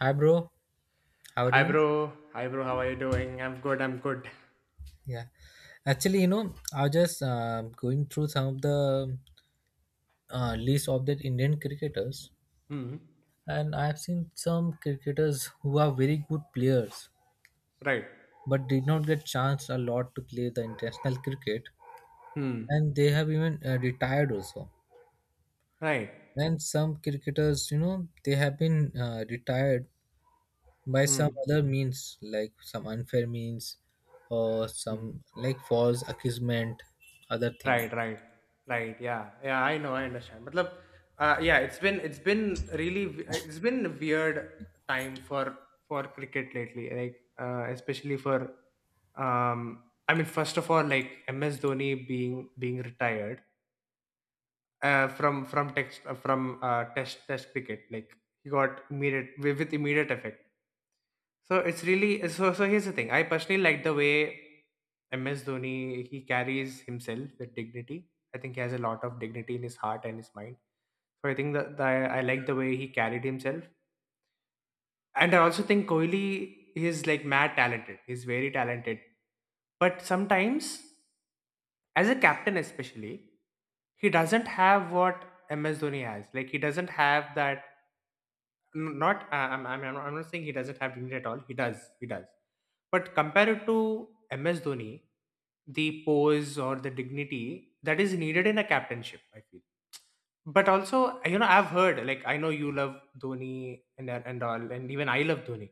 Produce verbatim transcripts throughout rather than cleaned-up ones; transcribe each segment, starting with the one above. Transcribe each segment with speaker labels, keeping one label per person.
Speaker 1: Hi, bro. How are
Speaker 2: Hi
Speaker 1: you?
Speaker 2: bro, hi bro, how are you doing? I'm good, I'm good.
Speaker 1: Yeah. Actually, you know, I was just uh, going through some of the uh, list of the Indian cricketers,
Speaker 2: Hmm.
Speaker 1: and I've seen some cricketers who are very good players
Speaker 2: Right.
Speaker 1: but did not get chance a lot to play the international cricket,
Speaker 2: Hmm.
Speaker 1: and they have even uh, retired also.
Speaker 2: Right.
Speaker 1: And some cricketers, you know, they have been uh, retired by some
Speaker 2: Hmm.
Speaker 1: other means, like some unfair means or
Speaker 2: Hmm.
Speaker 1: some like false accusement, other thing.
Speaker 2: Right, right. Right. Yeah. Yeah, I know, I understand. Matlab, uh, yeah, it's been it's been really w- it's been a weird time for for cricket lately. Like uh, especially for um I mean first of all like M S Dhoni being being retired uh, from from text uh, from uh, test test cricket. Like he got immediate with with immediate effect. So it's really, so. So here's the thing. I personally like the way M S Dhoni he carries himself with dignity. I think he has a lot of dignity in his heart and his mind. So I think that the, I like the way he carried himself. And I also think Kohli is like mad talented. He's very talented. But sometimes, as a captain especially, he doesn't have what M S Dhoni has. Like he doesn't have that N- not I- I'm, I'm I'm I'm not saying he doesn't have dignity at all. He does, he does. But compared to M S Dhoni, the pose or the dignity that is needed in a captainship, I feel. But also, you know, I've heard like I know you love Dhoni and and all, and even I love Dhoni.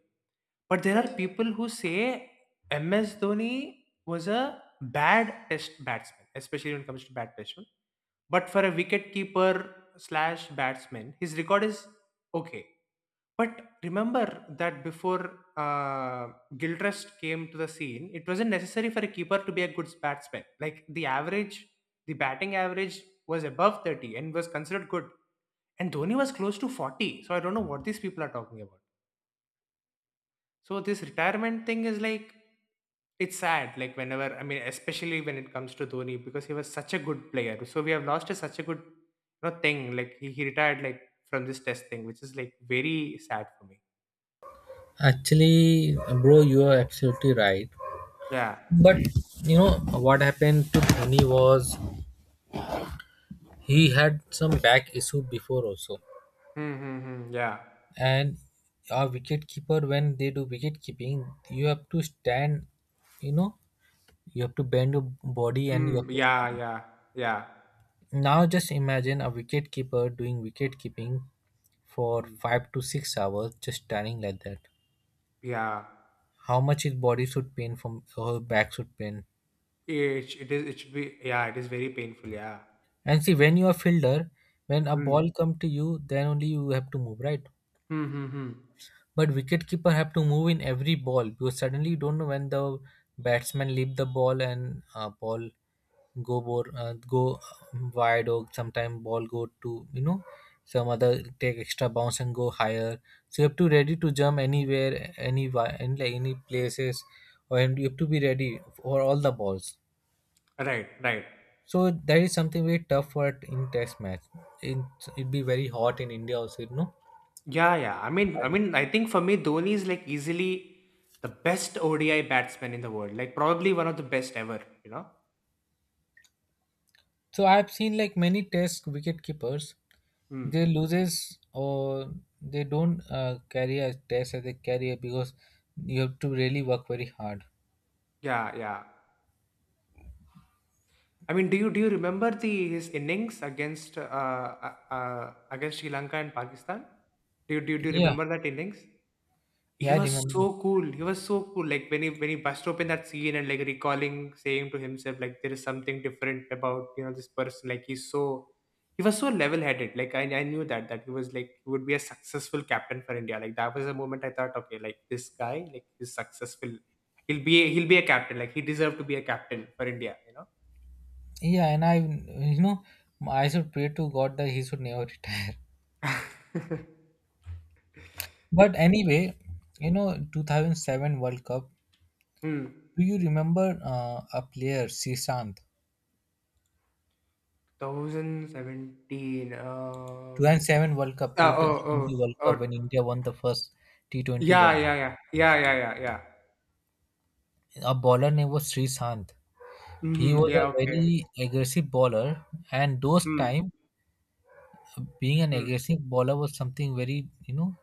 Speaker 2: But there are people who say M S Dhoni was a bad test batsman, especially when it comes to bad batsmen. But for a wicket keeper slash batsman, his record is okay. But remember that before uh, Gilchrist came to the scene, it wasn't necessary for a keeper to be a good batsman. Like the average, the batting average was above thirty and was considered good. And Dhoni was close to forty. So I don't know what these people are talking about. So this retirement thing is like, it's sad. Like whenever, I mean, especially when it comes to Dhoni because he was such a good player. So we have lost a, such a good you know, thing. Like he, he retired like from this test thing, which is like very sad for me.
Speaker 1: Actually, bro, you are absolutely right.
Speaker 2: Yeah.
Speaker 1: But you know what happened to Dhoni was he had some back issue before also,
Speaker 2: Hmm, hmm, hmm, yeah.
Speaker 1: and our wicket keeper when they do wicket keeping, you have to stand. You know, you have to bend your body and you have
Speaker 2: Mm,
Speaker 1: to
Speaker 2: yeah,
Speaker 1: stand.
Speaker 2: yeah, yeah.
Speaker 1: Now just imagine a wicket keeper doing wicket keeping for
Speaker 2: Mm,
Speaker 1: five to six hours, just standing like that.
Speaker 2: yeah.
Speaker 1: How much his body should pain from her back should pain.
Speaker 2: It, it is it should be, yeah, it is very painful, yeah.
Speaker 1: And see, when you are fielder, when a
Speaker 2: Mm.
Speaker 1: ball come to you, then only you have to move, right?
Speaker 2: Hmm, hmm, hmm.
Speaker 1: But wicket keeper have to move in every ball because suddenly you don't know when the batsman leave the ball and uh, ball go bor, uh, go wide, or sometime ball go to, you know, some other take extra bounce and go higher. So you have to ready to jump anywhere, any any like any places, or and you have to be ready for all the balls.
Speaker 2: Right, right.
Speaker 1: So that is something very tough for in test match. It it be very hot in India also, you know.
Speaker 2: Yeah, yeah. I mean I
Speaker 1: And
Speaker 2: mean I think for me Dhoni is like easily the best O D I batsman in the world. Like probably one of the best ever, you know?
Speaker 1: so I've seen like many test wicket keepers,
Speaker 2: Hmm.
Speaker 1: they loses or they don't uh, carry a test as a carrier because you have to really work very hard.
Speaker 2: Yeah, yeah. I mean, do you do you remember the his innings against uh, uh, uh against Sri Lanka and Pakistan? Do you do you, do you
Speaker 1: Yeah,
Speaker 2: remember that innings?
Speaker 1: yeah,
Speaker 2: He
Speaker 1: I
Speaker 2: was
Speaker 1: remember.
Speaker 2: so cool. He was so cool. Like when he when he bust open that scene and like recalling, saying to himself, like there is something different about you know this person. Like he's so he was so level headed. Like I, I knew that that he was like he would be a successful captain for India. Like that was a moment I thought, okay, like this guy, like he's successful. He'll be a, he'll be a captain. Like he deserved to be a captain for India. You know.
Speaker 1: Yeah, and I, you know, I should pray to God that he should never retire.
Speaker 2: yeah.
Speaker 1: But anyway, you know, two thousand seven World Cup.
Speaker 2: Hmm.
Speaker 1: Do you remember uh, a player, Srishant?
Speaker 2: twenty seventeen. Um.
Speaker 1: two thousand seven World Cup,
Speaker 2: Uh, oh,
Speaker 1: two thousand twenty
Speaker 2: oh,
Speaker 1: World Cup
Speaker 2: oh.
Speaker 1: when India won the first T twenty
Speaker 2: Yeah,
Speaker 1: World
Speaker 2: yeah,
Speaker 1: Cup.
Speaker 2: yeah. Yeah, yeah, yeah, yeah.
Speaker 1: A bowler name was Sri Sant. He
Speaker 2: Mhm.
Speaker 1: was
Speaker 2: Yeah,
Speaker 1: a
Speaker 2: okay.
Speaker 1: very aggressive bowler, and those
Speaker 2: Mm,
Speaker 1: time being an
Speaker 2: mm.
Speaker 1: aggressive bowler was something very, you know,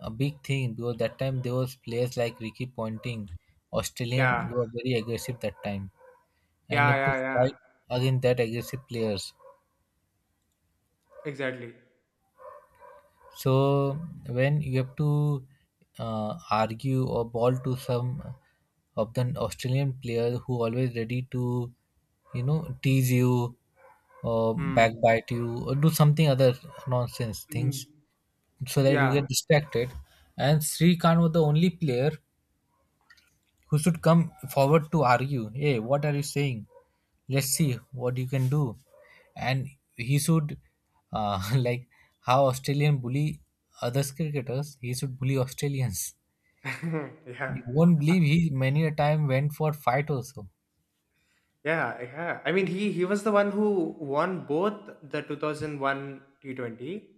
Speaker 1: a big thing because that time there was players like Ricky Ponting, Australian,
Speaker 2: Yeah.
Speaker 1: who were very aggressive that time, and you
Speaker 2: Yeah,
Speaker 1: have to
Speaker 2: yeah, yeah.
Speaker 1: fight against that aggressive players.
Speaker 2: Exactly.
Speaker 1: So when you have to uh, argue or ball to some of the Australian player who always ready to, you know, tease you or
Speaker 2: Mm.
Speaker 1: backbite you or do something other nonsense
Speaker 2: Mhm.
Speaker 1: things so that you
Speaker 2: Yeah.
Speaker 1: get distracted. And Sri Khan was the only player who should come forward to argue. Hey, what are you saying? Let's see what you can do. And he should uh, like how Australian bully other cricketers, he should bully Australians. You won't believe, he many a time went for fight also.
Speaker 2: Yeah. Yeah, yeah. I mean, he he was the one who won both the two thousand one T twenty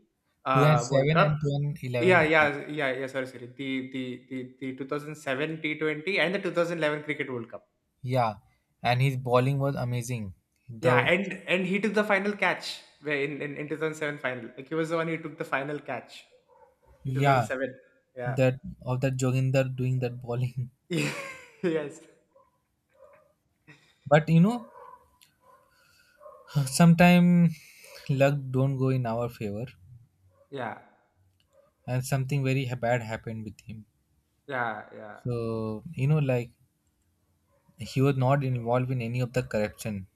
Speaker 1: 2 and
Speaker 2: uh World
Speaker 1: 7
Speaker 2: Cup.
Speaker 1: and 2 and
Speaker 2: Yeah,
Speaker 1: 11
Speaker 2: yeah, yeah, yeah. Sorry, sorry. The the the the twenty oh seven T twenty and the two thousand eleven Cricket World Cup.
Speaker 1: Yeah, and his bowling was amazing.
Speaker 2: Yeah,
Speaker 1: The,
Speaker 2: and and he took the final catch where in in, in two thousand seven final. Like he was the one who took the final catch.
Speaker 1: yeah,
Speaker 2: two thousand seven. Yeah.
Speaker 1: that of that Joginder doing that bowling.
Speaker 2: yes.
Speaker 1: But you know, sometime luck don't go in our favor,
Speaker 2: Yeah.
Speaker 1: and something very ha- bad happened with him.
Speaker 2: Yeah. Yeah.
Speaker 1: So you know, like, he was not involved in any of the corruption.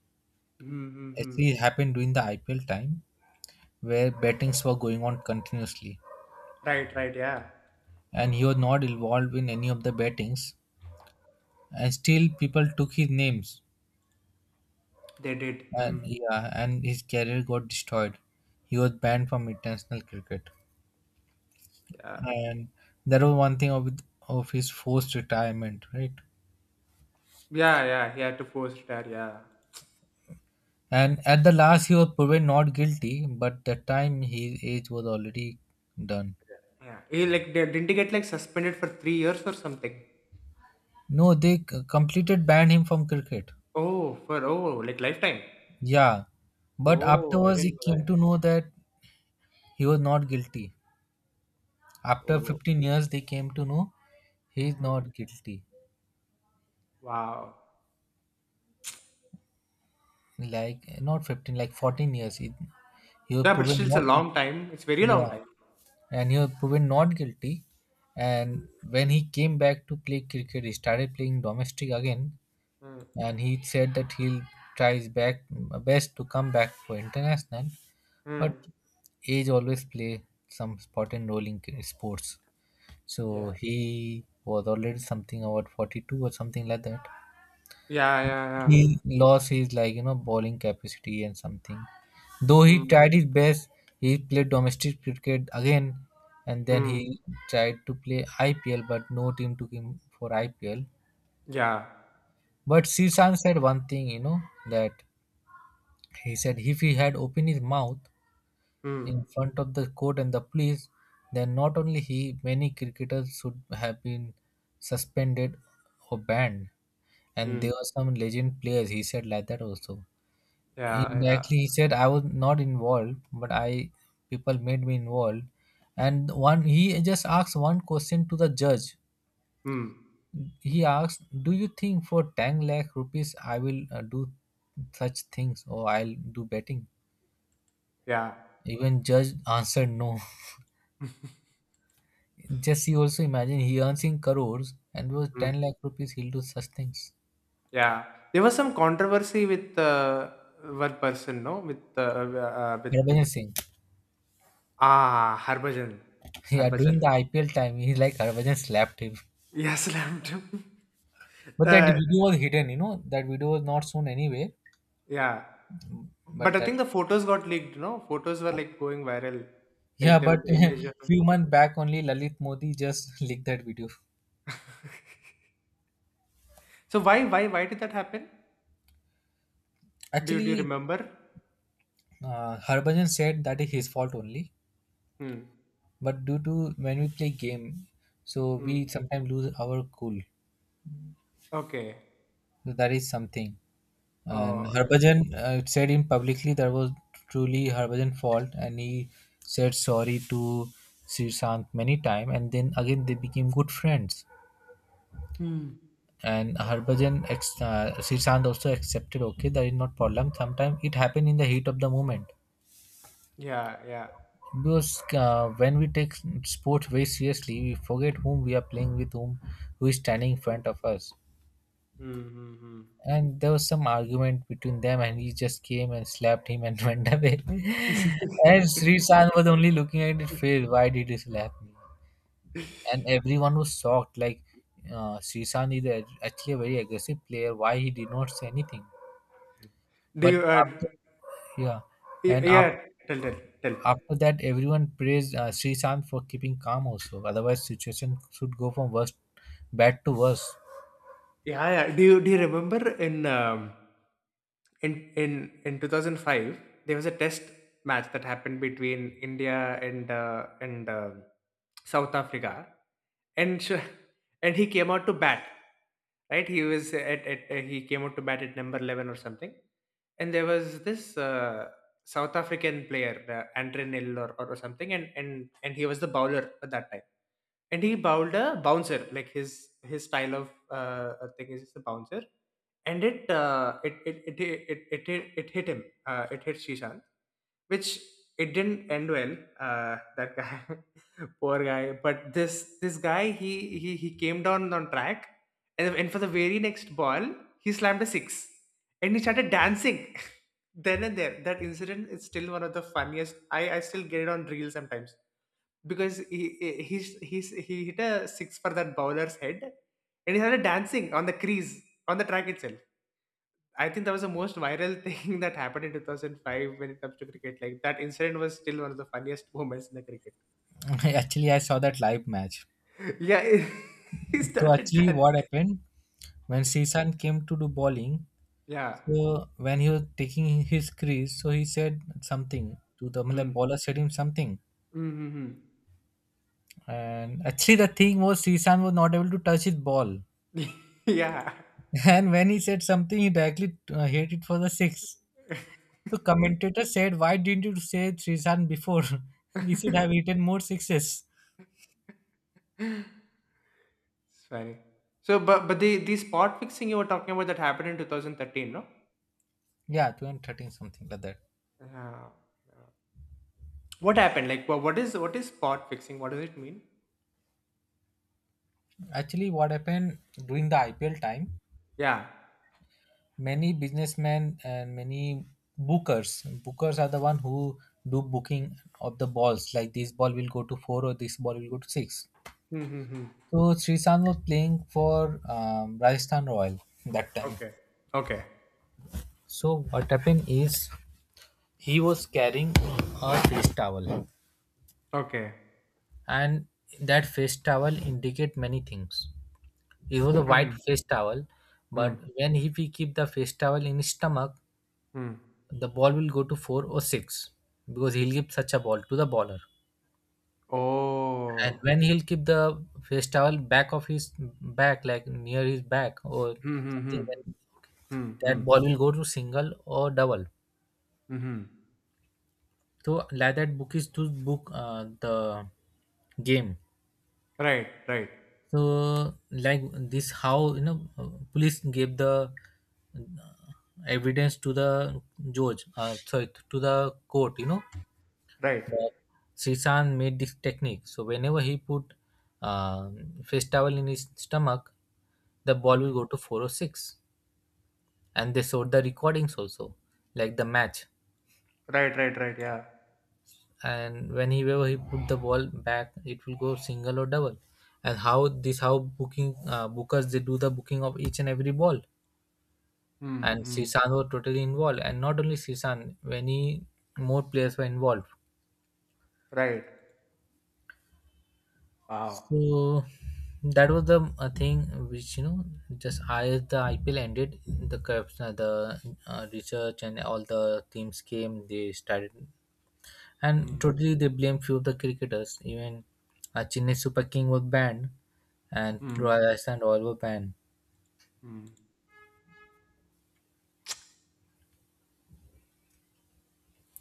Speaker 2: Mm-hmm.
Speaker 1: Actually, it
Speaker 2: Mm-hmm.
Speaker 1: happened during the I P L time where bettings were going on continuously,
Speaker 2: Right. Right. Yeah.
Speaker 1: and he was not involved in any of the bettings. And still, people took his names,
Speaker 2: They did.
Speaker 1: and
Speaker 2: Mm.
Speaker 1: yeah, and his career got destroyed. He was banned from international cricket,
Speaker 2: Yeah.
Speaker 1: and that was one thing of of his forced retirement, right?
Speaker 2: Yeah. Yeah. He had to force retire. Yeah.
Speaker 1: And at the last, he was proven not guilty, but that time his age was already done.
Speaker 2: Yeah. He like they- didn't he get like suspended for three years or something?
Speaker 1: No, they c- completed banned him from cricket.
Speaker 2: Oh, for oh, like lifetime.
Speaker 1: Yeah, but
Speaker 2: Oh, I
Speaker 1: afterwards he
Speaker 2: didn't know
Speaker 1: came
Speaker 2: that.
Speaker 1: to know that he was not guilty. After
Speaker 2: Oh.
Speaker 1: fifteen years, they came to know he is
Speaker 2: Mm.
Speaker 1: not guilty.
Speaker 2: Wow.
Speaker 1: Like, not fifteen, like fourteen years. He, he was
Speaker 2: Yeah, but
Speaker 1: proven
Speaker 2: still, it's a
Speaker 1: not,
Speaker 2: long time. It's very long
Speaker 1: yeah,
Speaker 2: time.
Speaker 1: and he was proven not guilty. And
Speaker 2: Mm.
Speaker 1: when he came back to play cricket, he started playing domestic again.
Speaker 2: Mm.
Speaker 1: And he said that he'll try his back, best to come back for international. But
Speaker 2: Mm.
Speaker 1: age always play some important role in sports. So
Speaker 2: Yeah.
Speaker 1: he was already something about forty-two or something like that.
Speaker 2: Yeah. Yeah.
Speaker 1: He lost his, like, you know, bowling capacity and something. Though
Speaker 2: Yeah.
Speaker 1: he
Speaker 2: Mm.
Speaker 1: tried his best, he played domestic cricket again, and then
Speaker 2: Mm.
Speaker 1: he tried to play I P L, but no team took him for I P L.
Speaker 2: Yeah.
Speaker 1: But Srisan said one thing, you know, that he said if he had opened his mouth
Speaker 2: Mm.
Speaker 1: in front of the court and the police, then not only he, many cricketers should have been suspended or banned. And there
Speaker 2: Mm.
Speaker 1: were some legend players, he said like that also.
Speaker 2: Yeah, yeah.
Speaker 1: Indirectly, he said, I was not involved, but I people made me involved. And one, he just asked one question to the judge.
Speaker 2: Hmm.
Speaker 1: He asked, do you think for ten lakh rupees I will uh, do such things or I'll do betting?
Speaker 2: Yeah.
Speaker 1: Even judge answered no. Just you also imagine he earns in crores, and was
Speaker 2: Mm.
Speaker 1: ten lakh rupees he'll do such things.
Speaker 2: Yeah. There was some controversy with uh, one person, no? With uh, uh, with with
Speaker 1: Harbhajan Singh.
Speaker 2: ah Harbhajan,
Speaker 1: Yeah, during
Speaker 2: Harbhajan.
Speaker 1: the I P L time, he like Harbhajan slapped him.
Speaker 2: Yes, slammed him.
Speaker 1: But that
Speaker 2: uh,
Speaker 1: video was hidden, you know, that video was not shown anywhere.
Speaker 2: yeah. But
Speaker 1: But
Speaker 2: I
Speaker 1: that,
Speaker 2: think the photos got leaked. No, photos were like going viral, like
Speaker 1: yeah,
Speaker 2: the,
Speaker 1: but
Speaker 2: the image of him.
Speaker 1: few months back only Lalit Modi just leaked that video.
Speaker 2: So why why why did that happen? Do you do you
Speaker 1: Actually,
Speaker 2: remember?
Speaker 1: uh, Harbhajan said that is his fault only.
Speaker 2: Hmm.
Speaker 1: But due to when we play game, so
Speaker 2: Hmm.
Speaker 1: we sometimes lose our cool.
Speaker 2: Okay.
Speaker 1: So that is something. And
Speaker 2: Oh. I see.
Speaker 1: Harbhajan uh, said him publicly that was truly Harbhajan's fault, and he said sorry to Sri Sant many times, and then again they became good friends.
Speaker 2: Hmm.
Speaker 1: And Harbhajan, ex- uh, Sri Sant also accepted, okay, there is not problem. Sometimes it happened in the heat of the moment.
Speaker 2: Yeah. Yeah.
Speaker 1: Because uh, when we take sports very seriously, we forget whom we are playing with, whom who is standing in front of us.
Speaker 2: Mm-hmm.
Speaker 1: And there was some argument between them and he just came and slapped him and went away. And Sri San was only looking at it failed, why did he slap me? And everyone was shocked like, uh, Sri San is a- actually a very aggressive player, why he did not say anything?
Speaker 2: Do
Speaker 1: But
Speaker 2: you, uh,
Speaker 1: after, yeah,
Speaker 2: y-
Speaker 1: and
Speaker 2: yeah,
Speaker 1: after,
Speaker 2: tell, tell, tell.
Speaker 1: after that everyone praised uh, Sri San for keeping calm, also otherwise situation should go from worst bad to worse.
Speaker 2: Yeah, yeah. Do you, do you remember in, um, in, in, in two thousand five, there was a test match that happened between India and, uh, and, uh, South Africa. And, sh- and he came out to bat, right? He was at, at, uh, he came out to bat at number eleven or something. And there was this, uh, South African player, uh, Andre Nil or, or something, and and and he was the bowler at that time, and he bowled a bouncer. Like his his style of uh, uh, thing is the bouncer, and it uh, it, it, it it it it it hit him. Uh, it hit Shishan, which it didn't end well. Uh, that guy, poor guy. But this this guy, he he he came down on track, and, and for the very next ball, he slammed a six, and he started dancing. Then and there, that incident is still one of the funniest. I i still get it on reel sometimes because he he he he hit a six for that bowler's head and he started dancing on the crease, on the track itself. I think that was the most viral thing that happened in two thousand five when it comes to cricket. Like, that incident was still one of the funniest moments in the cricket.
Speaker 1: Actually, I saw that live match.
Speaker 2: yeah, he he
Speaker 1: So
Speaker 2: started
Speaker 1: actually what
Speaker 2: dancing,
Speaker 1: happened when Srisan came to do bowling,
Speaker 2: yeah.
Speaker 1: so when he was taking his crease, so he said something to the matlab,
Speaker 2: Mm.
Speaker 1: bowler said him something.
Speaker 2: Mm-hmm.
Speaker 1: And actually, the thing was Srisan was not able to touch his ball.
Speaker 2: yeah
Speaker 1: And when he said something, he directly uh, hit it for the six. The commentator said, "Why didn't you say Srisan before? He should have hit more sixes."
Speaker 2: It's funny. So, but but the the spot fixing you were talking about that happened in twenty thirteen, no?
Speaker 1: Yeah, two thirteen something like that.
Speaker 2: Yeah. What happened? Like, wha- what is what is spot fixing? What does it mean?
Speaker 1: Actually, what happened during the I P L time?
Speaker 2: Yeah.
Speaker 1: Many businessmen and many bookers bookers are the one who do booking of the balls, like this ball will go to four or this ball will go to six.
Speaker 2: Mm-hmm.
Speaker 1: So Srisan was playing for um, Rajasthan Royal that time.
Speaker 2: Okay. Okay.
Speaker 1: So what happened is he was carrying a face towel,
Speaker 2: Okay.
Speaker 1: and that face towel indicate many things. It was a white
Speaker 2: Mm-hmm.
Speaker 1: face towel, but
Speaker 2: Mm-hmm.
Speaker 1: when he, he keep the face towel in his stomach, the ball will go to four or six, because he'll give such a ball to the bowler. And
Speaker 2: Oh.
Speaker 1: when he'll keep the face towel back of his back, like near his back or
Speaker 2: Mm-hmm.
Speaker 1: something, when
Speaker 2: Mm-hmm.
Speaker 1: that ball will go to single or double.
Speaker 2: Mm-hmm.
Speaker 1: So like that book is to book uh, the game.
Speaker 2: Right. Right.
Speaker 1: So like this, how you know uh, police gave the uh, evidence to the judge, uh, sorry, to the court, you know,
Speaker 2: Right.
Speaker 1: that Srisan made this technique. So whenever he put um, face towel in his stomach, the ball will
Speaker 2: Mm.
Speaker 1: go to four or six. And they showed the recordings also, like the match.
Speaker 2: Right. Right. Right. Yeah.
Speaker 1: And whenever he put the ball back, it will go single or double. And how this how booking uh, bookers they do the booking of each and every ball. And
Speaker 2: Mm-hmm.
Speaker 1: Srisan were totally involved. And not only Srisan, many more players were involved.
Speaker 2: Right. Wow.
Speaker 1: So that was the uh, thing which, you know, just as the I P L ended, the cups, uh, the uh, research and all the teams came. They started, and
Speaker 2: Mm-hmm.
Speaker 1: totally they blame few of the cricketers. Even uh, Chennai Super King was banned, and
Speaker 2: Mm.
Speaker 1: Royal
Speaker 2: Mm,
Speaker 1: Iceland Royal were banned.
Speaker 2: mm.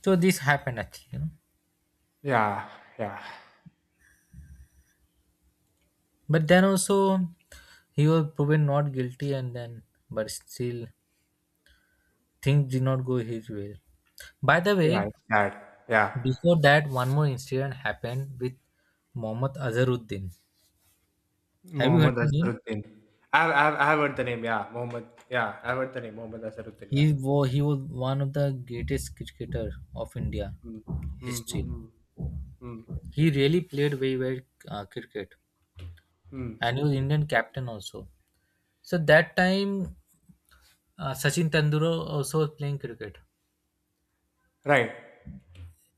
Speaker 1: So this happened actually, you know.
Speaker 2: Yeah. Yeah.
Speaker 1: But then also he was proven not guilty, and then but still things did not go his way. By the
Speaker 2: Yeah.
Speaker 1: way,
Speaker 2: It's sad. Yeah.
Speaker 1: before that, one more incident happened with Mohammad Azharuddin. Have you
Speaker 2: Mohammad
Speaker 1: heard the name?
Speaker 2: Asaruddin. I've, I've, I've heard the name, yeah. Mohammad, yeah. I've heard the name, Mohammad Asaruddin, yeah.
Speaker 1: He was, he was one of the greatest cricketer of India
Speaker 2: Mm. Mm, mm,
Speaker 1: history.
Speaker 2: mm, mm,
Speaker 1: He really played very well uh, cricket,
Speaker 2: mm.
Speaker 1: and he was Indian captain also. So that time, uh, Sachin Tendulkar also was playing cricket,
Speaker 2: Right,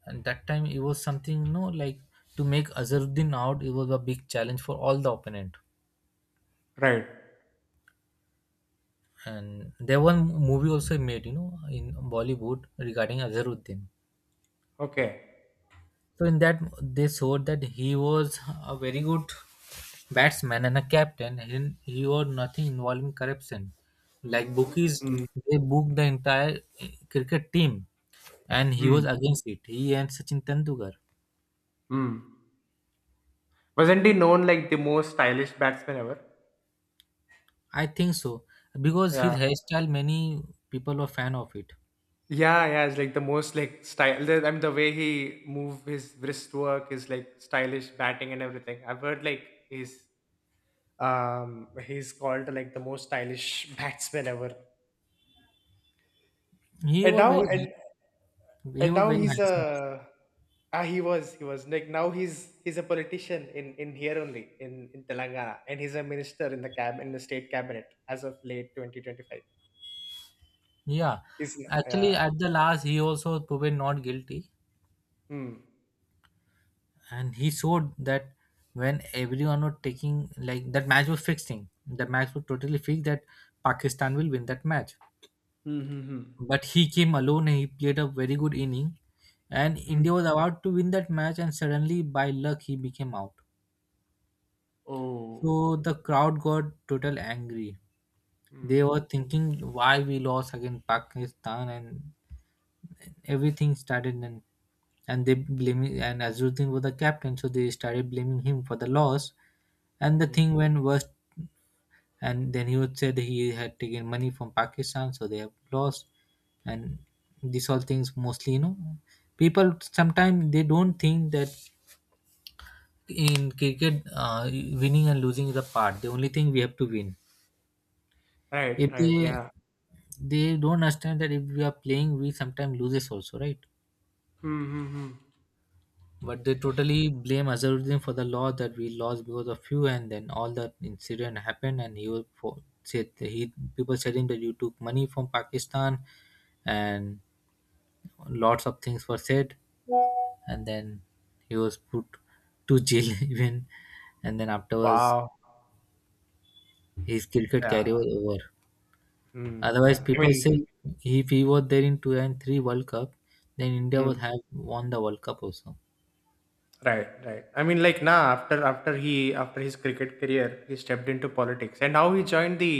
Speaker 1: and that time it was something you know like to make Azharuddin out. It was a big challenge for all the opponent,
Speaker 2: right.
Speaker 1: and there was one movie also made, you know, in Bollywood regarding Azharuddin.
Speaker 2: Okay.
Speaker 1: So in that they showed that he was a very good batsman and a captain, and he owed nothing involving corruption. Like bookies,
Speaker 2: Mm,
Speaker 1: they booked the entire eh, cricket team, and he was
Speaker 2: mm,
Speaker 1: against it. He and Sachin Tendulkar.
Speaker 2: mm. Wasn't he known like the most stylish batsman ever?
Speaker 1: I think so because
Speaker 2: Yeah.
Speaker 1: his hairstyle, many people were fan of it.
Speaker 2: Yeah, yeah, it's like the most like style. the- I mean, the way he move his wrist work is like stylish batting and everything. I've heard like he's um he's called like the most stylish batsman ever.
Speaker 1: He
Speaker 2: And
Speaker 1: was
Speaker 2: now
Speaker 1: very
Speaker 2: and
Speaker 1: he
Speaker 2: and
Speaker 1: was
Speaker 2: now
Speaker 1: very
Speaker 2: he's
Speaker 1: handsome also.
Speaker 2: a ah he was he was like now he's he's a politician in in here only in in Telangana and he's a minister in the cab in the state cabinet as of late twenty twenty-five.
Speaker 1: Yeah,
Speaker 2: He's uh,
Speaker 1: actually at the last he also proven not guilty.
Speaker 2: hmm.
Speaker 1: And he showed that when everyone was taking like that match was fixing, the match was totally fixed that Pakistan will win that match,
Speaker 2: Hmm, hmm, hmm.
Speaker 1: but he came alone and he played a very good inning, and
Speaker 2: Hmm.
Speaker 1: India was about to win that match and suddenly by luck he became out.
Speaker 2: Oh.
Speaker 1: So the crowd got total angry, they
Speaker 2: Hmm.
Speaker 1: were thinking why we lost against Pakistan, and everything started, and and they blaming, and Azruddin was the captain, so they started blaming him for the loss. And the
Speaker 2: Hmm.
Speaker 1: thing went worse, and then he would say that he had taken money from Pakistan, so they have lost. And these all things mostly, you know, people sometimes they don't think that in cricket, uh, winning and losing is a part. The only thing we have to win.
Speaker 2: Right,
Speaker 1: If
Speaker 2: right,
Speaker 1: they
Speaker 2: yeah.
Speaker 1: they don't understand that if we are playing, we sometimes loses also, right?
Speaker 2: Hmm, hmm, hmm.
Speaker 1: But they totally blame Azaruddin for the law that we lost because of you, and then all that incident happened, and he was for, said that he people said him that you took money from Pakistan, and lots of things were said, and then he was put to jail even, and then afterwards
Speaker 2: Wow.
Speaker 1: his cricket
Speaker 2: Yeah.
Speaker 1: career was over.
Speaker 2: Hmm,
Speaker 1: Otherwise,
Speaker 2: yeah. I
Speaker 1: people
Speaker 2: mean,
Speaker 1: say if he was there in two and three World Cup, then India would have won the World Cup also.
Speaker 2: right, right. I mean, like now after after he after his cricket career, he stepped into politics, and now he joined the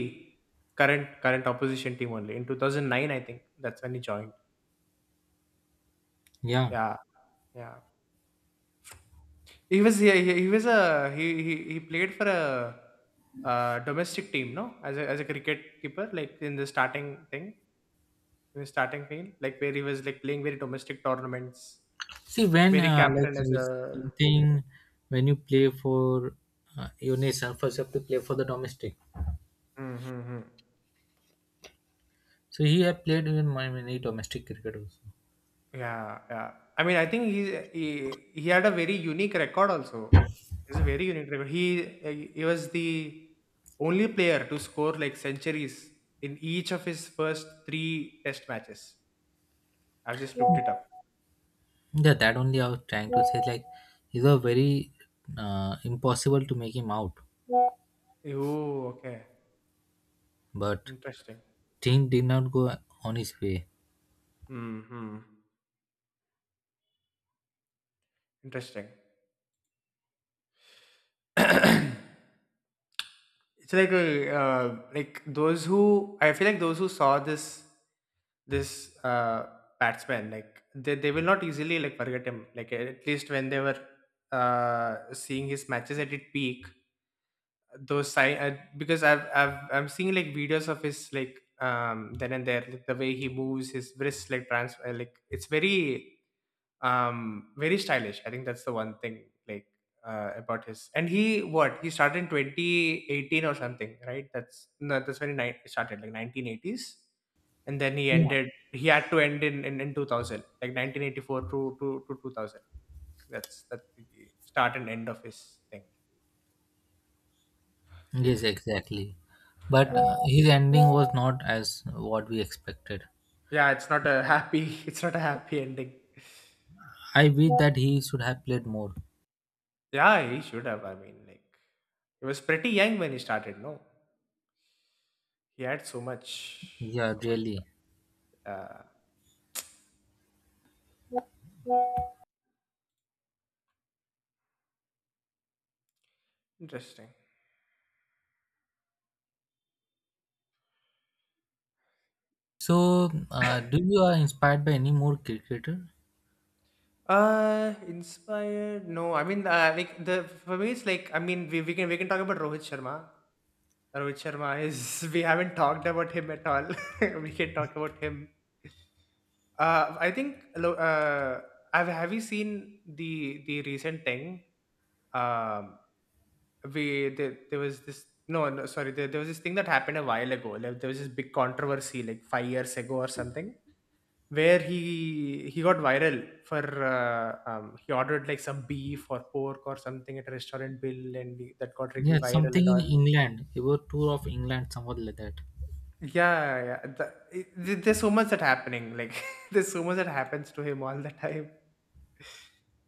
Speaker 2: current current opposition team only in two thousand nine. I think that's when he joined.
Speaker 1: Yeah.
Speaker 2: Yeah, yeah. He was he, he he was a he he he played for a, uh domestic team, no, as a as a cricket keeper, like in the starting thing, in the starting field, like where he was like playing very domestic tournaments,
Speaker 1: See, when
Speaker 2: very
Speaker 1: uh, like
Speaker 2: captain as
Speaker 1: you
Speaker 2: a.
Speaker 1: something when you play for uh, your nation, first you have to play for the domestic.
Speaker 2: Mm-hmm.
Speaker 1: So he have played with my- many domestic cricket also.
Speaker 2: Yeah, yeah. I mean, I think he he, he had a very unique record also. It's a very unique record. He he was the only player to score like centuries in each of his first three test matches. I've just looked it up.
Speaker 1: Yeah, that only I was trying to say. Like, it was very uh, impossible to make him out,
Speaker 2: Oh, okay.
Speaker 1: but
Speaker 2: Interesting.
Speaker 1: thing did not go on his way.
Speaker 2: Hmm. Interesting. It's like uh, uh, like those who I feel like those who saw this this uh, batsman, like they, they will not easily like forget him, like at least when they were uh, seeing his matches at its peak, those sign uh, because I've, I've I'm seeing like videos of his like um then and there, like the way he moves his wrists like trans uh, like it's very um very stylish. I think that's the one thing, like uh, about his. And he what he started in twenty eighteen or something, right? That's no, that's when he ni- started, like nineteen eighties, and then he
Speaker 1: Yeah.
Speaker 2: ended, he had to end in in, in two thousand, like nineteen eighty-four to, to to two thousand. that's that's the start and end of his thing.
Speaker 1: Yes, exactly. But
Speaker 2: Yeah,
Speaker 1: uh, his ending was not as what we expected.
Speaker 2: yeah, it's not a happy it's not a happy ending.
Speaker 1: I wish that he should have played more.
Speaker 2: Yeah, he should have, I mean, like he was pretty young when he started, no? He had so much,
Speaker 1: Yeah,
Speaker 2: so much
Speaker 1: really.
Speaker 2: stuff. Interesting.
Speaker 1: So, uh, do you are inspired by any more cricketer?
Speaker 2: Uh, inspired? No, I mean, uh, like the for me, it's like, I mean, we, we can we can talk about Rohit Sharma. Rohit Sharma is we haven't talked about him at all. We can talk about him. Uh, I think. lo- Uh, have have you seen the the recent thing? Um, we there, there was this, no no, sorry, there, there was this thing that happened a while ago. Like, there was this big controversy like five years ago or something, where he he got viral for uh, um, he ordered like some beef or pork or something at a restaurant bill and he- that got really
Speaker 1: Yeah,
Speaker 2: viral
Speaker 1: something
Speaker 2: and
Speaker 1: in
Speaker 2: all.
Speaker 1: England, about tour of England, somewhat like that.
Speaker 2: Yeah, yeah, the, it, th- there's so much that happening, like there's so much that happens to him all the time.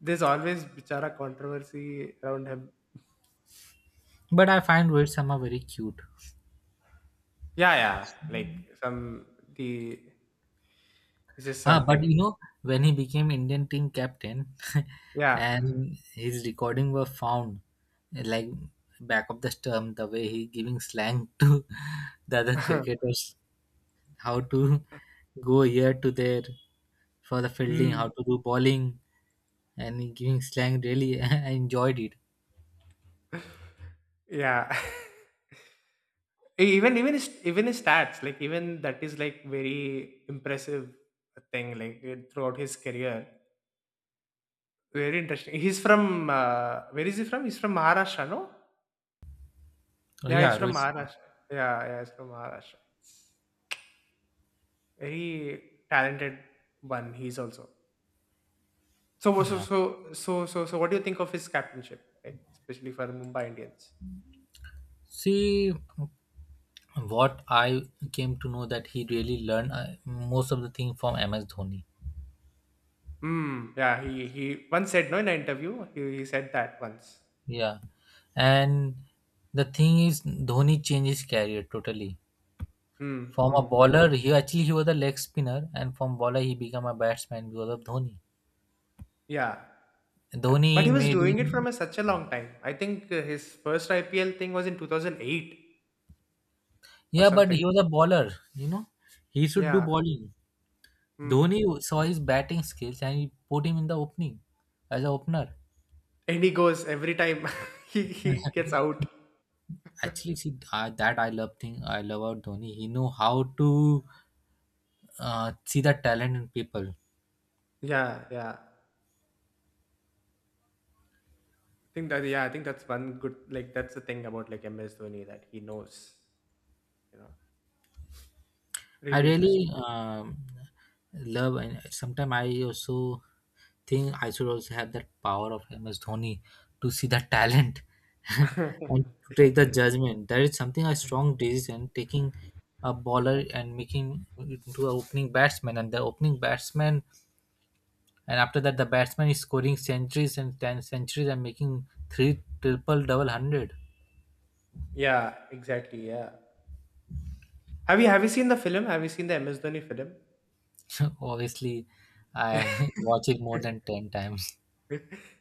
Speaker 2: There's always bichara controversy around him.
Speaker 1: But I find Rohit Sharma very cute.
Speaker 2: Yeah, yeah, like some, the, it's just
Speaker 1: Ah, but
Speaker 2: something.
Speaker 1: you know, when he became Indian team captain,
Speaker 2: Yeah.
Speaker 1: and his recording were found, like back of the stump, the way he giving slang to the other cricketers, how to go here to there for the fielding, how
Speaker 2: Mm,
Speaker 1: to do bowling, and he giving slang. Really, I enjoyed it.
Speaker 2: yeah. E- even even his, even his stats, like even that is like very impressive thing, like eh, throughout his career. Very interesting. He's from uh, where is he from? He's from Maharashtra, no?
Speaker 1: Uh,
Speaker 2: Yeah, he's
Speaker 1: yeah,
Speaker 2: from
Speaker 1: Rohit. Singh.
Speaker 2: Maharashtra. Yeah, yeah, he's from Maharashtra. Very talented one. He's also so so so
Speaker 1: Yeah.
Speaker 2: so so, so so what do you think of his captainship, like especially for Mumbai Indians?
Speaker 1: See, what I came to know that he really learned uh, most of the thing from M S Dhoni.
Speaker 2: Hmm. Yeah, he he once said, no, in an interview, he, he said that once.
Speaker 1: Yeah, and the thing is, Dhoni changed his career totally.
Speaker 2: Hmm.
Speaker 1: From a
Speaker 2: Hmm.
Speaker 1: bowler, he actually he was a leg spinner, and from bowler he became a batsman because of Dhoni.
Speaker 2: Yeah. Yeah. But he
Speaker 1: Dhoni
Speaker 2: was
Speaker 1: made
Speaker 2: doing it from
Speaker 1: him.
Speaker 2: a, such a long time. I think uh, his first I P L thing was in two thousand eight or
Speaker 1: Yeah, but
Speaker 2: something.
Speaker 1: he was a bowler. You know, he should do
Speaker 2: Yeah.
Speaker 1: bowling.
Speaker 2: Hmm.
Speaker 1: Dhoni saw his batting skills and he put him in the opening as an opener.
Speaker 2: And he goes every time he, he gets out.
Speaker 1: Actually see uh, that I love thing I love about Dhoni. He know how to uh, see the talent in people.
Speaker 2: Yeah, yeah. I think that, yeah, I think that's one good, like that's the thing about like M S Dhoni, that he knows, you know.
Speaker 1: I
Speaker 2: Really interesting.
Speaker 1: really um, love, and sometimes I also think I should also have that power of M S Dhoni to see the talent and to take the judgment. That is something a strong decision taking a bowler and making it into an opening batsman and the opening batsman. And after that, the batsman is scoring centuries and ten centuries and making three triple double hundred.
Speaker 2: Yeah, exactly. Yeah. Have you have you seen the film? Have you seen the M S Dhoni film?
Speaker 1: Obviously, I watch it more than ten times.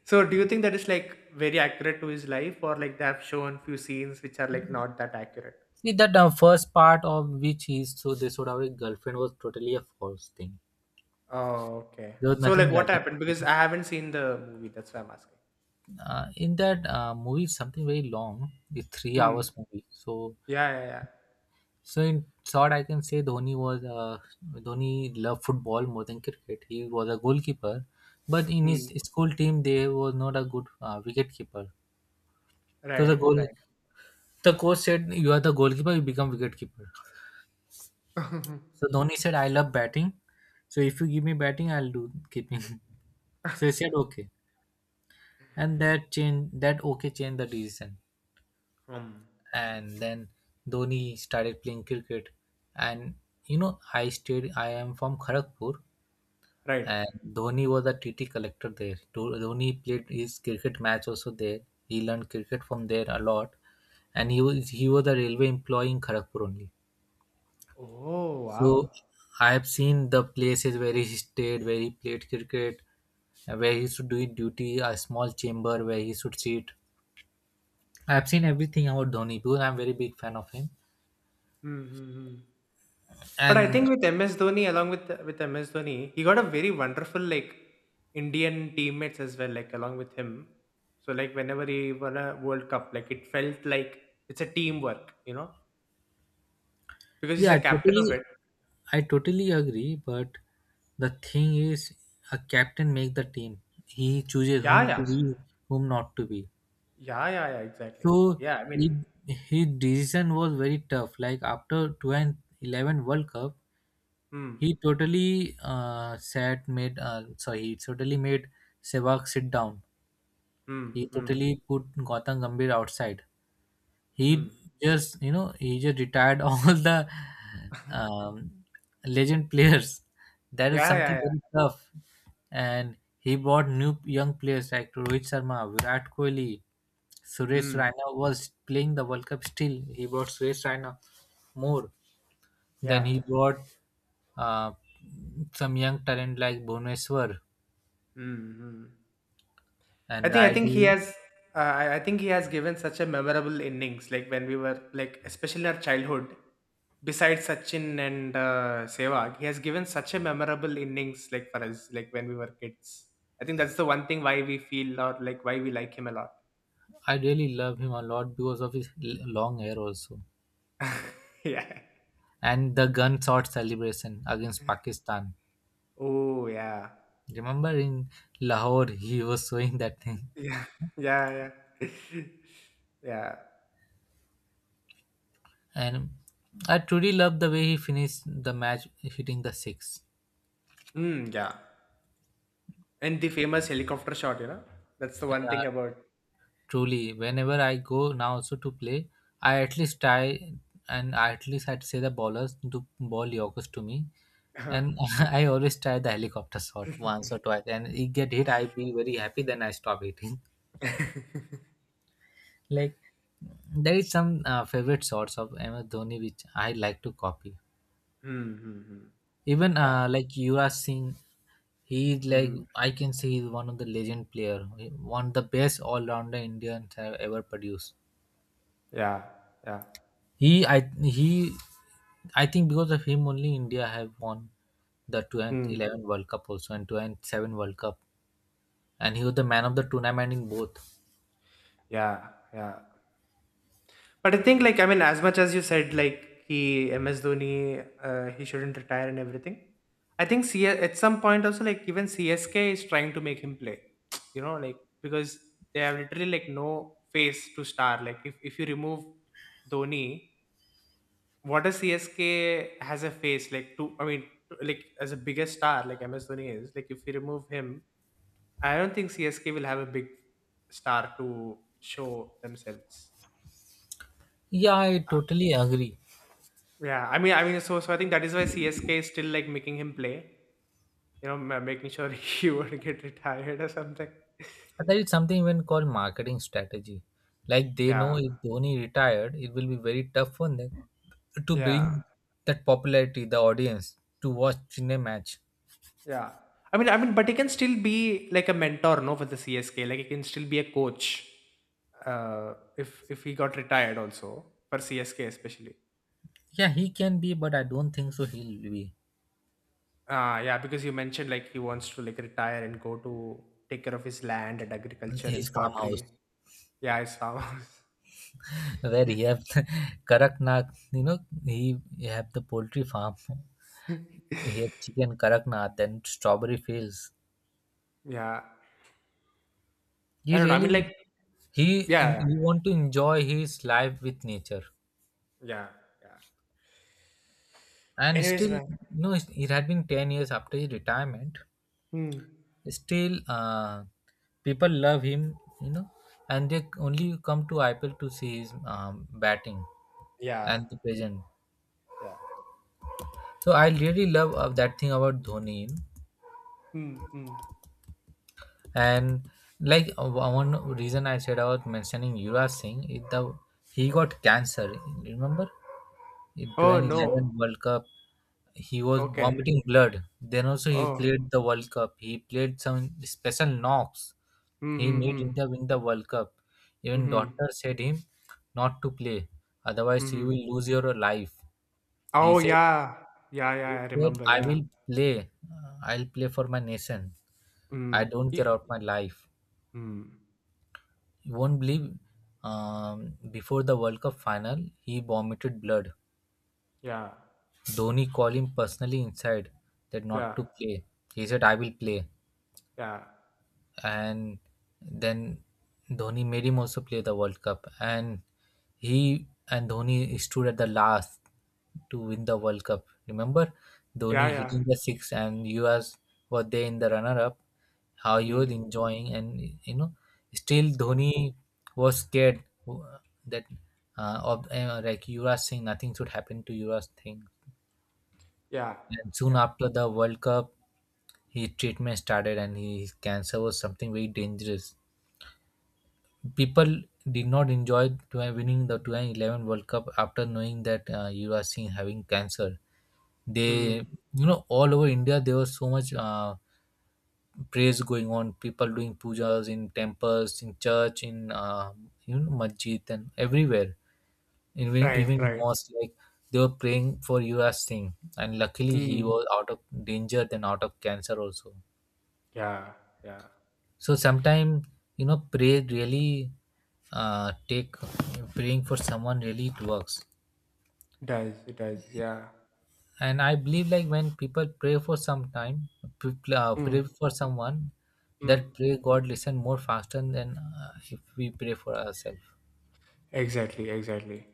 Speaker 2: So do you think that is like very accurate to his life, or like they have shown few scenes which are like not that accurate?
Speaker 1: See that the first part of which is so they showed our girlfriend was totally a false thing.
Speaker 2: Oh, okay.
Speaker 1: There was
Speaker 2: So like
Speaker 1: nothing
Speaker 2: what
Speaker 1: like that.
Speaker 2: happened? Because I haven't seen the movie, that's why I'm asking.
Speaker 1: Uh, in that uh, movie, something very long, the three
Speaker 2: Mm.
Speaker 1: hours movie. So
Speaker 2: Yeah, yeah, yeah.
Speaker 1: so in short, I can say Dhoni was uh, Dhoni loved football more than cricket. He was a goalkeeper, but in his
Speaker 2: Mm.
Speaker 1: school team, they was not a good uh, wicket keeper. So the
Speaker 2: Right,
Speaker 1: goal,
Speaker 2: right.
Speaker 1: the coach said, "You are the goalkeeper. You become wicket keeper." So Dhoni said, "I love batting. So if you give me batting, I'll do keeping." So he said, "Okay," and that changed that okay changed the decision.
Speaker 2: um,
Speaker 1: And then Dhoni started playing cricket, and you know, I stayed. I am from Kharagpur.
Speaker 2: right.
Speaker 1: And Dhoni was a T T collector there. Dho- Dhoni played his cricket match also there. He learned cricket from there a lot, and he was he was a railway employee in Kharagpur only.
Speaker 2: Oh, wow.
Speaker 1: So I have seen the places where he stayed, where he played cricket, where he should do his duty, a small chamber where he should sit. I have seen everything about Dhoni because I'm very big fan of him.
Speaker 2: Mm-hmm. But I think
Speaker 1: And
Speaker 2: with M S Dhoni, along with with M S Dhoni, he got a very wonderful like Indian teammates as well, like along with him. So like whenever he won a World Cup, like it felt like it's a teamwork, you know, because he's a
Speaker 1: yeah,
Speaker 2: captain of
Speaker 1: totally,
Speaker 2: it.
Speaker 1: I totally agree, but the thing is, a captain make the team. He chooses
Speaker 2: Yeah,
Speaker 1: whom to
Speaker 2: yeah,
Speaker 1: be, whom not to be.
Speaker 2: yeah, yeah, yeah. Exactly, exactly.
Speaker 1: So
Speaker 2: Yeah, I mean,
Speaker 1: it, his decision was very tough. Like after two thousand eleven World Cup,
Speaker 2: hmm,
Speaker 1: he totally uh, sat made. Uh, sorry, he totally made Sehwag sit down.
Speaker 2: hmm,
Speaker 1: He
Speaker 2: hmm,
Speaker 1: totally put Gautam Gambhir outside. He
Speaker 2: hmm.
Speaker 1: just you know he just retired all the um, legend players. That is
Speaker 2: Yeah, yeah,
Speaker 1: something
Speaker 2: yeah.
Speaker 1: very tough, and he brought new young players like Rohit Sharma, Virat Kohli, Suresh
Speaker 2: Hmm.
Speaker 1: Raina was playing the World Cup still. He brought Suresh Raina more. Then
Speaker 2: Yeah.
Speaker 1: he brought uh, some young talent like Bhuvneshwar
Speaker 2: Hmm. Hmm. I
Speaker 1: and
Speaker 2: think I think he
Speaker 1: Raidu.
Speaker 2: has uh, I I think he has given such a memorable innings, like when we were, like especially in our childhood, besides Sachin and uh, Sehwag, he has given such a memorable innings, like for us, like when we were kids. I think that's the one thing why we feel or like why we like him a lot.
Speaker 1: I really love him a lot because of his l- long hair also.
Speaker 2: Yeah.
Speaker 1: And the gunshot celebration against Pakistan.
Speaker 2: Oh yeah.
Speaker 1: Remember in Lahore, he was showing that thing.
Speaker 2: Yeah. Yeah, yeah. Yeah.
Speaker 1: And I truly love the way he finished the match hitting the six.
Speaker 2: Mm, yeah. And the famous helicopter shot, you know, that's the one
Speaker 1: Yeah,
Speaker 2: thing about.
Speaker 1: truly, whenever I go now also to play, I at least try, and I at least I'd say the bowlers to ball Yorkers to me.
Speaker 2: Hmm.
Speaker 1: And I always try the helicopter shot once or twice. And it get hit, I be very happy, then I stop hitting. Like there is some uh, favorite sorts of M S Dhoni which I like to copy.
Speaker 2: Hmm, hmm.
Speaker 1: Even
Speaker 2: Yeah.
Speaker 1: uh, like you are seeing, he is like,
Speaker 2: Mm.
Speaker 1: I can say he's one of the legend player, one of the best all rounder Indians have ever produced.
Speaker 2: Yeah, yeah.
Speaker 1: He I he I think because of him only India have won the
Speaker 2: Hmm.
Speaker 1: twenty eleven World Cup also and two thousand seven World Cup, and he was the man of the tournament in both.
Speaker 2: Yeah, yeah. But I think, like, I mean, as much as you said, like, he, M S Dhoni, uh, he shouldn't retire and everything. I think C- at some point also, like, even C S K is trying to make him play, you know, like, because they have literally, like, no face to star. Like, if, if you remove Dhoni, what does C S K has a face? Like, to, I mean, like, as a biggest star, like M S Dhoni is, like, if you remove him, I don't think C S K will have a big star to show themselves.
Speaker 1: Yeah, I
Speaker 2: Uh,
Speaker 1: totally agree.
Speaker 2: Yeah, I mean, I mean, so so I think that is why C S K is still like making him play. You know, ma- making sure he would get retired or something.
Speaker 1: There is something even called marketing strategy. Like they know
Speaker 2: Yeah,
Speaker 1: if Dhoni retired, it will be very tough for them to
Speaker 2: yeah,
Speaker 1: bring that popularity, the audience, to watch in a match.
Speaker 2: yeah. I mean, I mean, but he can still be like a mentor, no, for the C S K. Like he can still be a coach. Uh, if if he got retired also for C S K especially.
Speaker 1: Yeah, he can be, but I don't think so. He'll be
Speaker 2: Ah, yeah, because you mentioned like he wants to like retire and go to take care of his land and agriculture
Speaker 1: his
Speaker 2: and
Speaker 1: farmhouse
Speaker 2: pottery. Yeah, I saw.
Speaker 1: where he have Karaknath. You know, he, he have the poultry farm. He have chicken Karaknath and strawberry fields.
Speaker 2: Yeah, I
Speaker 1: He
Speaker 2: don't know. I mean, like,
Speaker 1: really he
Speaker 2: yeah,
Speaker 1: he want to enjoy his life with nature.
Speaker 2: yeah, yeah.
Speaker 1: And
Speaker 2: Anyways,
Speaker 1: still
Speaker 2: man.
Speaker 1: no it had been ten years after his retirement,
Speaker 2: Hmm.
Speaker 1: still uh, people love him, you know, and they only come to IPL to see his um, batting
Speaker 2: Yeah,
Speaker 1: and the present.
Speaker 2: yeah.
Speaker 1: So I really love uh, that thing about Dhoni, you know.
Speaker 2: Hmm. Hmm.
Speaker 1: And like uh, one reason I said about mentioning Yuvraj Singh is the he got cancer, remember, in
Speaker 2: Oh no.
Speaker 1: twenty eleven World Cup, he was
Speaker 2: Okay.
Speaker 1: vomiting blood. Then also he
Speaker 2: Oh.
Speaker 1: played the World Cup. He played some special knocks. He
Speaker 2: Hmm.
Speaker 1: made
Speaker 2: Hmm.
Speaker 1: India win the World Cup.
Speaker 2: Hmm.
Speaker 1: Even
Speaker 2: Hmm.
Speaker 1: doctor said him not to play, otherwise you
Speaker 2: Hmm.
Speaker 1: will lose your life. He
Speaker 2: Oh
Speaker 1: said,
Speaker 2: yeah. Yeah.
Speaker 1: he
Speaker 2: Yeah. I
Speaker 1: said
Speaker 2: remember.
Speaker 1: I
Speaker 2: Yeah.
Speaker 1: will play. I'll play for my nation.
Speaker 2: Hmm.
Speaker 1: I don't
Speaker 2: Yeah.
Speaker 1: care about my life.
Speaker 2: Hmm.
Speaker 1: You won't believe. Um, before the World Cup final, he vomited blood.
Speaker 2: Yeah.
Speaker 1: Dhoni called him personally inside that not
Speaker 2: Yeah.
Speaker 1: to play. He said, I will play.
Speaker 2: Yeah.
Speaker 1: And then Dhoni made him also play the World Cup, and he and Dhoni stood at the last to win the World Cup. Remember,
Speaker 2: Yeah.
Speaker 1: Dhoni
Speaker 2: Yeah.
Speaker 1: hitting the six, and you as were there in the runner-up. How you were
Speaker 2: Hmm.
Speaker 1: enjoying, and you know, still
Speaker 2: Hmm.
Speaker 1: Dhoni was scared uh, that uh, of uh, like Yuvraj Singh, nothing should happen to Yuvraj Singh.
Speaker 2: Yeah,
Speaker 1: And soon
Speaker 2: yeah.
Speaker 1: after the World Cup, his treatment started, and his cancer was something very dangerous. People did not enjoy twenty winning the twenty eleven World Cup after knowing that uh, Yuvraj Singh having cancer. They,
Speaker 2: Mm.
Speaker 1: you know, all over India there was so much uh, praise going on. People doing pujas in temples, in church, in uh, you know masjid and everywhere. Even
Speaker 2: Right,
Speaker 1: even in
Speaker 2: right.
Speaker 1: mosque, like they were praying for Yuvraj Singh, and luckily he
Speaker 2: Mm.
Speaker 1: was out of danger then out of cancer also.
Speaker 2: Yeah, yeah.
Speaker 1: So sometimes you know pray really uh, take praying for someone really it works.
Speaker 2: It does, it does. Yeah.
Speaker 1: And I believe like when people pray for some time people, uh, pray
Speaker 2: Mm.
Speaker 1: for someone, that
Speaker 2: Mm.
Speaker 1: pray god listen more faster than uh, if we pray for ourselves.
Speaker 2: Exactly, exactly.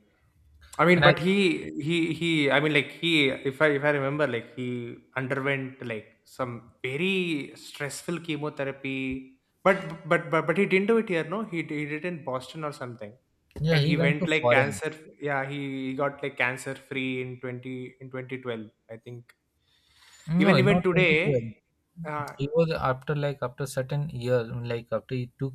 Speaker 2: I mean,
Speaker 1: And i
Speaker 2: but he, he, he. I mean, like he. If I, if I remember, like he underwent like some very stressful chemotherapy. But, but, but, but he didn't do it here. No, he, he did it in Boston or something.
Speaker 1: yeah,
Speaker 2: And
Speaker 1: he
Speaker 2: he
Speaker 1: went
Speaker 2: went
Speaker 1: to
Speaker 2: like
Speaker 1: foreign.
Speaker 2: cancer. Yeah, he got like cancer free in twenty in twenty twelve, I think. Even
Speaker 1: No,
Speaker 2: even
Speaker 1: not twenty twelve.
Speaker 2: today, uh,
Speaker 1: He was after like after certain years, like after he took,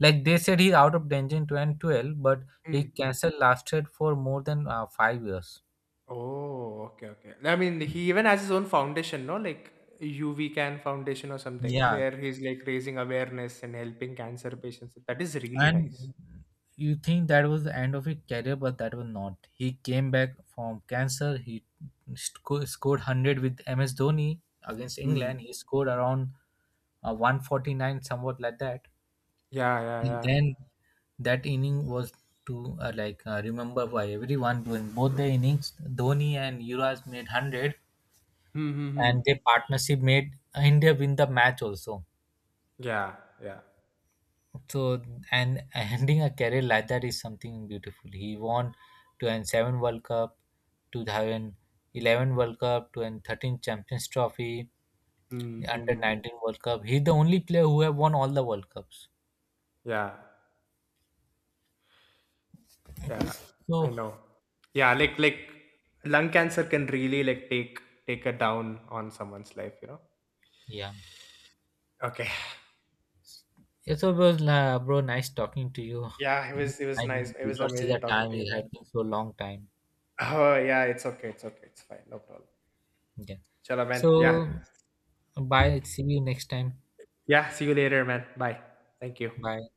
Speaker 1: like they said he's out of danger in twenty twelve, but he
Speaker 2: mm.
Speaker 1: cancer lasted for more than uh, five years,
Speaker 2: Oh, okay, okay. I mean, he even has his own foundation, no? Like U V Can Foundation or something,
Speaker 1: yeah.
Speaker 2: where he's like raising awareness and helping cancer patients. That is really nice.
Speaker 1: And you think that was the end of his career, but that was not. He came back from cancer. He sco- scored one hundred with M S Dhoni against
Speaker 2: Mm.
Speaker 1: England. He scored around uh, one forty-nine, somewhat like that.
Speaker 2: Yeah, yeah,
Speaker 1: And
Speaker 2: yeah.
Speaker 1: then that inning was to uh, like uh, remember by everyone. During both the innings, Dhoni and Yuvraj made one hundred,
Speaker 2: Mm-hmm.
Speaker 1: and their partnership made India win the match also.
Speaker 2: Yeah, yeah.
Speaker 1: So and ending a career like that is something beautiful. He won to and seven World Cup, twenty eleven World Cup, twenty thirteen Champions Trophy, Under
Speaker 2: Mm-hmm.
Speaker 1: nineteen World Cup. He's the only player who have won all the World Cups.
Speaker 2: Yeah, yeah. I
Speaker 1: So
Speaker 2: know. Yeah, like like lung cancer can really like take take a down on someone's life, you know?
Speaker 1: yeah,
Speaker 2: Okay.
Speaker 1: yeah. So bro, uh, bro, nice talking to you.
Speaker 2: Yeah, it was it was
Speaker 1: I
Speaker 2: nice. It
Speaker 1: did
Speaker 2: was
Speaker 1: not see
Speaker 2: amazing
Speaker 1: the
Speaker 2: talking
Speaker 1: time.
Speaker 2: to you,
Speaker 1: It
Speaker 2: man.
Speaker 1: had been so long time.
Speaker 2: Oh, yeah, it's okay. It's okay. It's fine. No problem.
Speaker 1: Yeah.
Speaker 2: Chalo, man. Yeah.
Speaker 1: So bye. See you next time.
Speaker 2: Yeah. See you later, man. Bye. Thank you.
Speaker 1: Bye.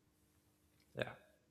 Speaker 2: Yeah.